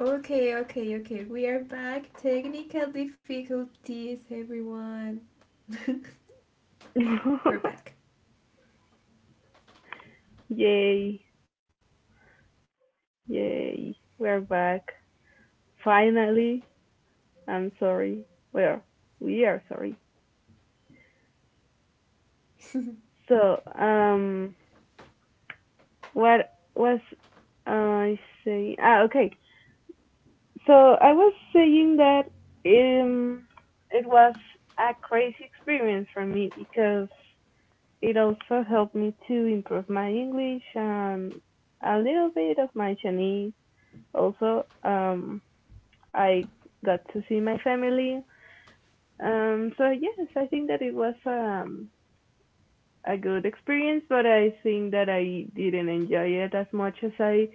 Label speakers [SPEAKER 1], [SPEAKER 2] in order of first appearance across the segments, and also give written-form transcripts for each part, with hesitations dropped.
[SPEAKER 1] Okay, okay, okay. We are back. Technical difficulties, everyone. We're back.
[SPEAKER 2] Yay, yay. We're back. Finally. I'm sorry. Well, we are sorry. So, what was I saying? Ah, okay. So I was saying that um, it was a crazy experience for me because it also helped me to improve my English and a little bit of my Chinese. Also, I got to see my family. So yes, I think that it was a good experience, but I think that I didn't enjoy it as much as I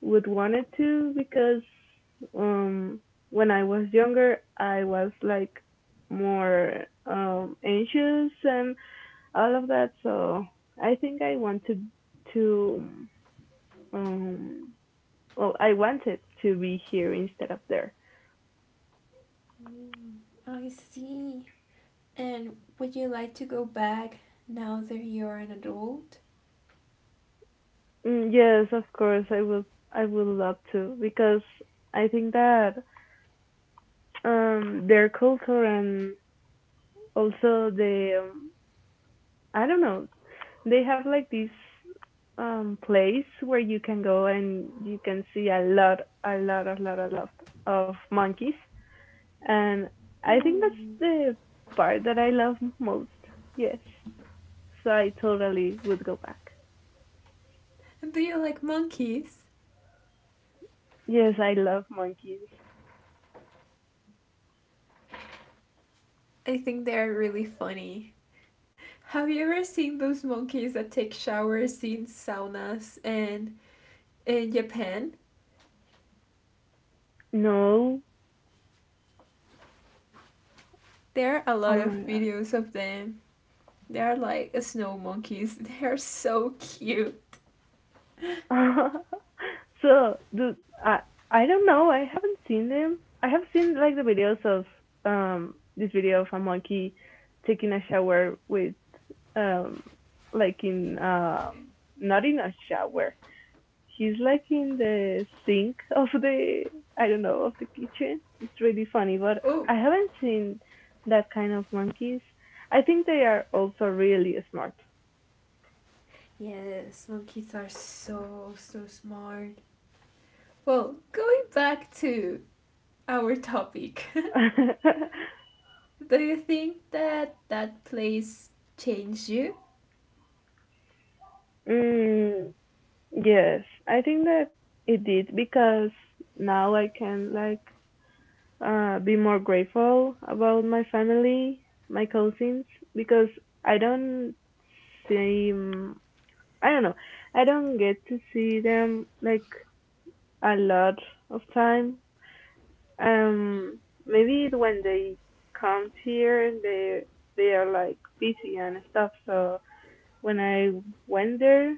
[SPEAKER 2] would wanted to because um, when I was younger, I was like more anxious and all of that. So I think I wanted to, um, I wanted to be here instead of there.
[SPEAKER 1] Mm, I see. And would you like to go back now that you're an adult?
[SPEAKER 2] Mm, yes, of course. I would love to because I think that their culture and also the I don't know, they have like this place where you can go and you can see a lot of monkeys, and I think that's
[SPEAKER 1] Mm.
[SPEAKER 2] the part that I love most. Yes. So I totally would go back.
[SPEAKER 1] Do you like monkeys?
[SPEAKER 2] Yes, I love monkeys.
[SPEAKER 1] I think they're really funny. Have you ever seen those monkeys that take showers in saunas and in Japan?
[SPEAKER 2] No.
[SPEAKER 1] There are a
[SPEAKER 2] Oh
[SPEAKER 1] lot
[SPEAKER 2] my
[SPEAKER 1] of
[SPEAKER 2] god.
[SPEAKER 1] videos of them. They are like snow monkeys. They are so cute.
[SPEAKER 2] So the I I don't know. I haven't seen them. I have seen like the videos of this video of a monkey taking a shower with um like in not in a shower. He's like in the sink of the, I don't know, of the kitchen. It's really funny, but
[SPEAKER 1] Oh.
[SPEAKER 2] I haven't seen that kind of monkeys. I think they are also really smart.
[SPEAKER 1] Yes, monkeys are so, so smart. Well, going back to our topic, do you think that that place changed you?
[SPEAKER 2] mm, Yes, I think that it did because now I can like be more grateful about my family, my cousins, because I don't see, I don't know. I don't get to see them like a lot of time. Maybe when they come here they are like busy and stuff, so when I went there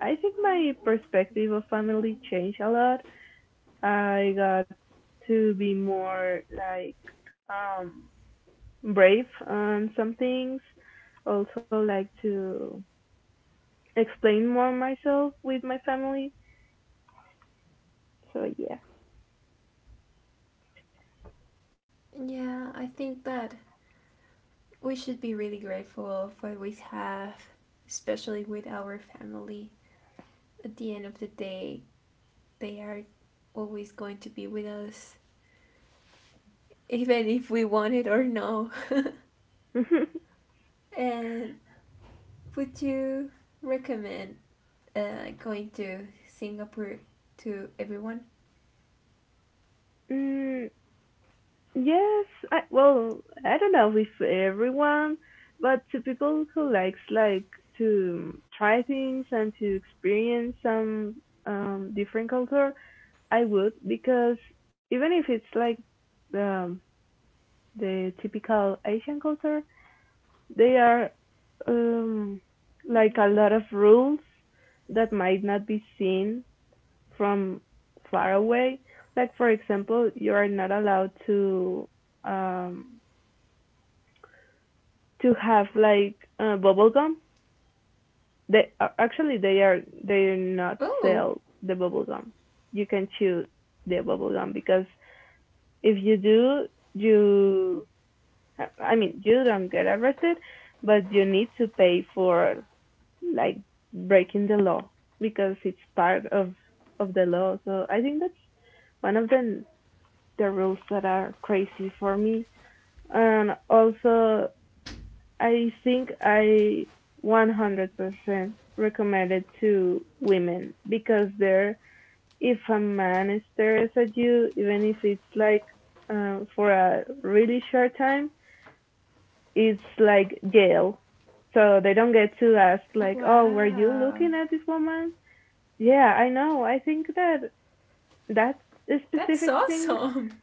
[SPEAKER 2] I think my perspective of family changed a lot. I got to be more like um brave on some things. Also like to explain more myself with my family. So yeah.
[SPEAKER 1] Yeah, I think that we should be really grateful for what we have, especially with our family. At the end of the day, they are always going to be with us, even if we want it or no. And would you recommend going to Singapore to everyone?
[SPEAKER 2] mm, yes, I well, I don't know if everyone, but to people who likes like to try things and to experience some different culture, I would because even if it's like the the typical Asian culture, they are, um,
[SPEAKER 1] Mhm.
[SPEAKER 2] like, a lot of rules that might not be seen from far away. Like for example, you are not allowed to, um, to have like bubble gum. They actually, they do
[SPEAKER 1] Oh.
[SPEAKER 2] not sell the bubble gum. You can choose the bubble gum because if you do, you, I mean, you don't get arrested, but you need to pay for, like, breaking the law, because it's part of the law. So I think that's one of the rules that are crazy for me. And also, I think I 100% recommend it to women because there, if a man stares at you, even if it's like for a really short time, it's like jail. So they don't get to ask like, "Oh, were you
[SPEAKER 1] Wow.
[SPEAKER 2] looking at this woman?" Yeah, I know. I think that that
[SPEAKER 1] That's
[SPEAKER 2] specific thing,
[SPEAKER 1] awesome.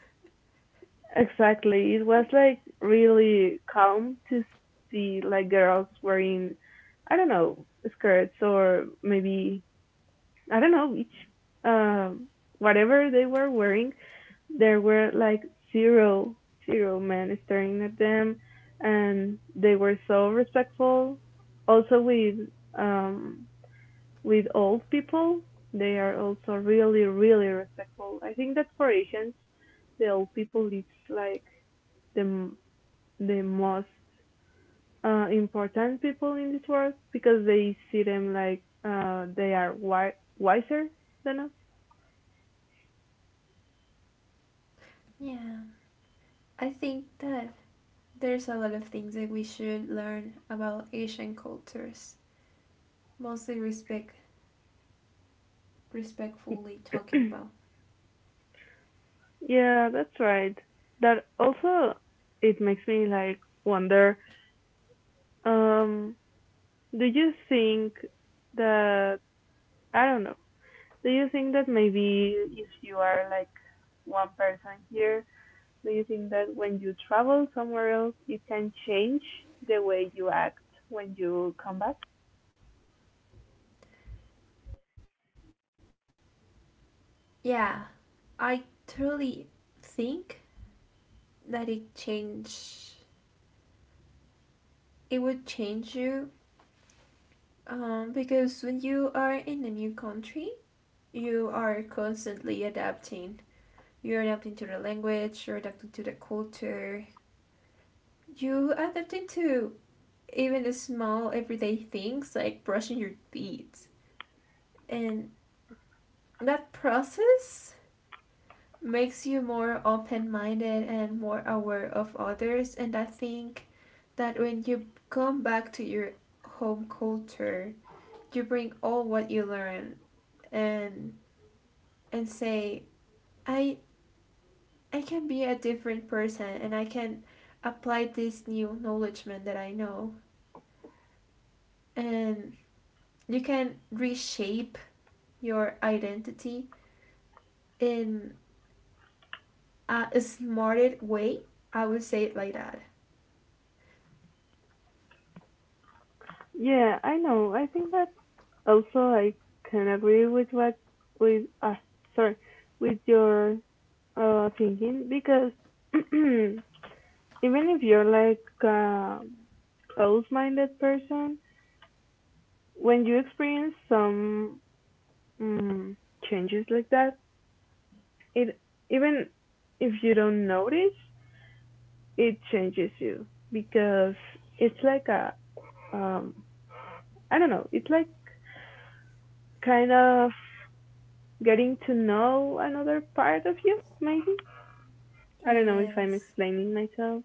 [SPEAKER 2] exactly. It was like really calm to see like girls wearing, I don't know, skirts, or maybe, I don't know each uh, whatever they were wearing, there were like zero zero men staring at them, and they were so respectful. Also with um with old people, they are also really really respectful. I think that for Asians, the old people it's like the the most important people in this world because they see them like, they are wiser than us.
[SPEAKER 1] Yeah. I think that there's a lot of things that we should learn about Asian cultures, mostly respect, respectfully talking about.
[SPEAKER 2] Yeah, that's right. That also, it makes me like wonder, um, do you think that, I don't know, do you think that maybe if you are like one person here, do you think that when you travel somewhere else you can change the way you act when you come back?
[SPEAKER 1] Yeah, I truly think that it would change you, because when you are in a new country, you are constantly adapting. You're adapting to the language, you're adapting to the culture, you adapting to even the small everyday things like brushing your teeth. And that process makes you more open minded and more aware of others. And I think that when you come back to your home culture, you bring all what you learn and and say I I can be a different person and I can apply this new knowledgement that I know. And you can reshape your identity in a smarter way. I would say it like that.
[SPEAKER 2] Yeah, I know. I think that also I can agree with what, with sorry with your thinking, because even if you're like a close-minded person, when you experience some, um, changes like that, it, even if you don't notice, it changes you because it's like a, um I don't know, it's like kind of getting to know another part of you, maybe. I don't know if I'm
[SPEAKER 1] Yes.
[SPEAKER 2] explaining myself.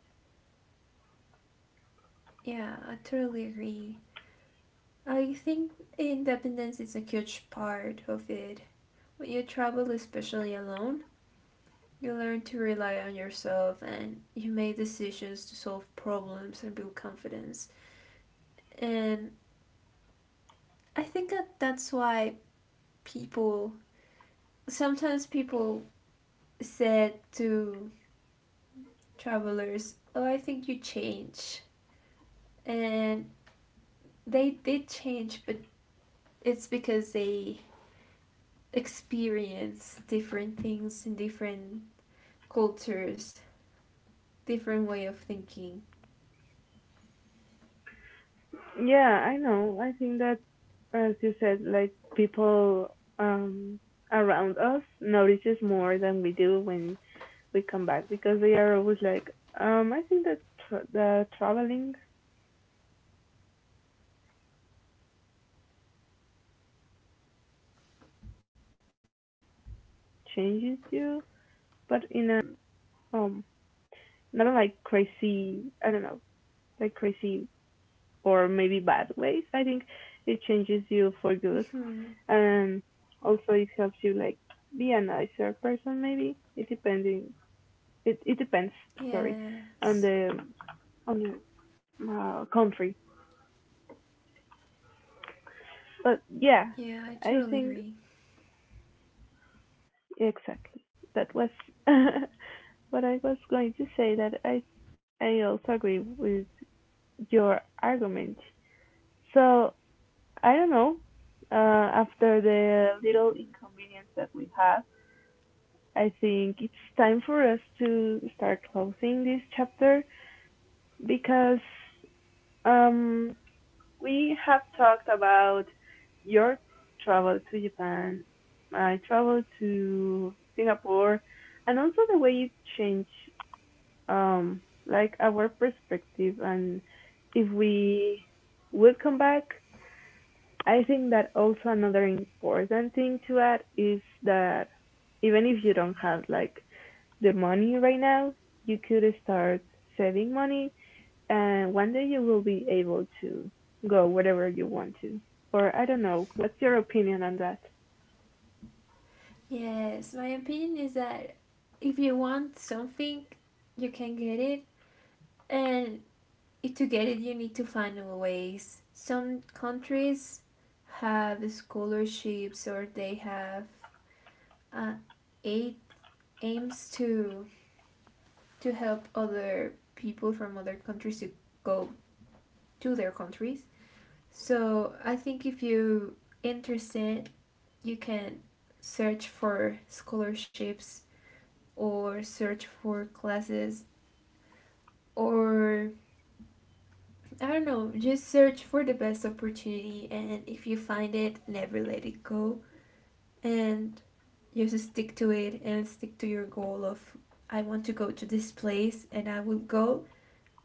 [SPEAKER 1] Yeah, I totally agree. I think independence is a huge part of it. When you travel, especially alone, you learn to rely on yourself and you make decisions to solve problems and build confidence. And I think that that's why people people said to travelers, "Oh, I think you change," and they did change, but it's because they experience different things in different cultures, different way of thinking.
[SPEAKER 2] Yeah, I know. I think that, as you said, like people, um, around us notices more than we do when we come back because they are always like, I think that the traveling changes you, but in a, um, not on like crazy, I don't know, like crazy or maybe bad ways. I think it changes you for good, and
[SPEAKER 1] Mm-hmm.
[SPEAKER 2] also it helps you like be a nicer person, maybe. It depending, it depends, sorry, on the
[SPEAKER 1] Yes.
[SPEAKER 2] on the country, but yeah,
[SPEAKER 1] Yeah, I totally
[SPEAKER 2] I
[SPEAKER 1] agree.
[SPEAKER 2] think exactly that was what I was going to say, that I also agree with your argument. So I don't know, uh, after the little inconvenience that we had, I think it's time for us to start closing this chapter because, um, we have talked about your travel to Japan, my travel to Singapore, and also the way it changed, um, like, our perspective, and if we would come back. I think that also another important thing to add is that even if you don't have like the money right now, you could start saving money, and one day you will be able to go wherever you want to. Or I don't know, what's your opinion on that?
[SPEAKER 1] Yes, my opinion is that if you want something, you can get it, and to get it you need to find ways. Some countries have scholarships or they have uh, aid aims to help other people from other countries to go to their countries, so I think if you interested you can search for scholarships or search for classes or I don't know, just search for the best opportunity, and if you find it, never let it go and just stick to it and stick to your goal of I want to go to this place and I will go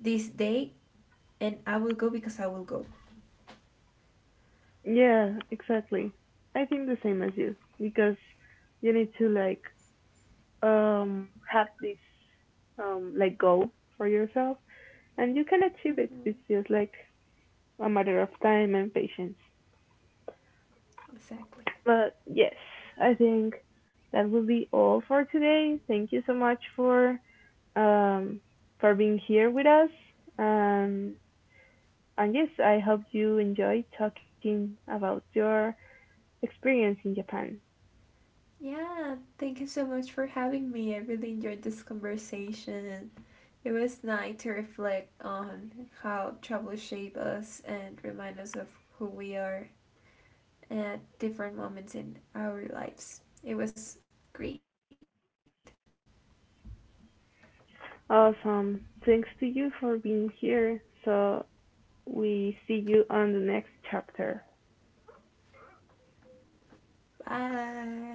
[SPEAKER 1] this day and I will go because I will go.
[SPEAKER 2] Yeah, exactly. I think the same as you because you need to like have this like goal for yourself and you can achieve it.
[SPEAKER 1] Mm-hmm.
[SPEAKER 2] It's just like a matter of time and patience.
[SPEAKER 1] Exactly.
[SPEAKER 2] But yes, I think that will be all for today. Thank you so much for, um, for being here with us. Um, and yes, I hope you enjoy talking about your experience in Japan.
[SPEAKER 1] Yeah, thank you so much for having me. I really enjoyed this conversation. It was nice to reflect on how travel shapes us and remind us of who we are at different moments in our lives. It was great.
[SPEAKER 2] Awesome. Thanks to you for being here. So we see you on the next chapter.
[SPEAKER 1] Bye.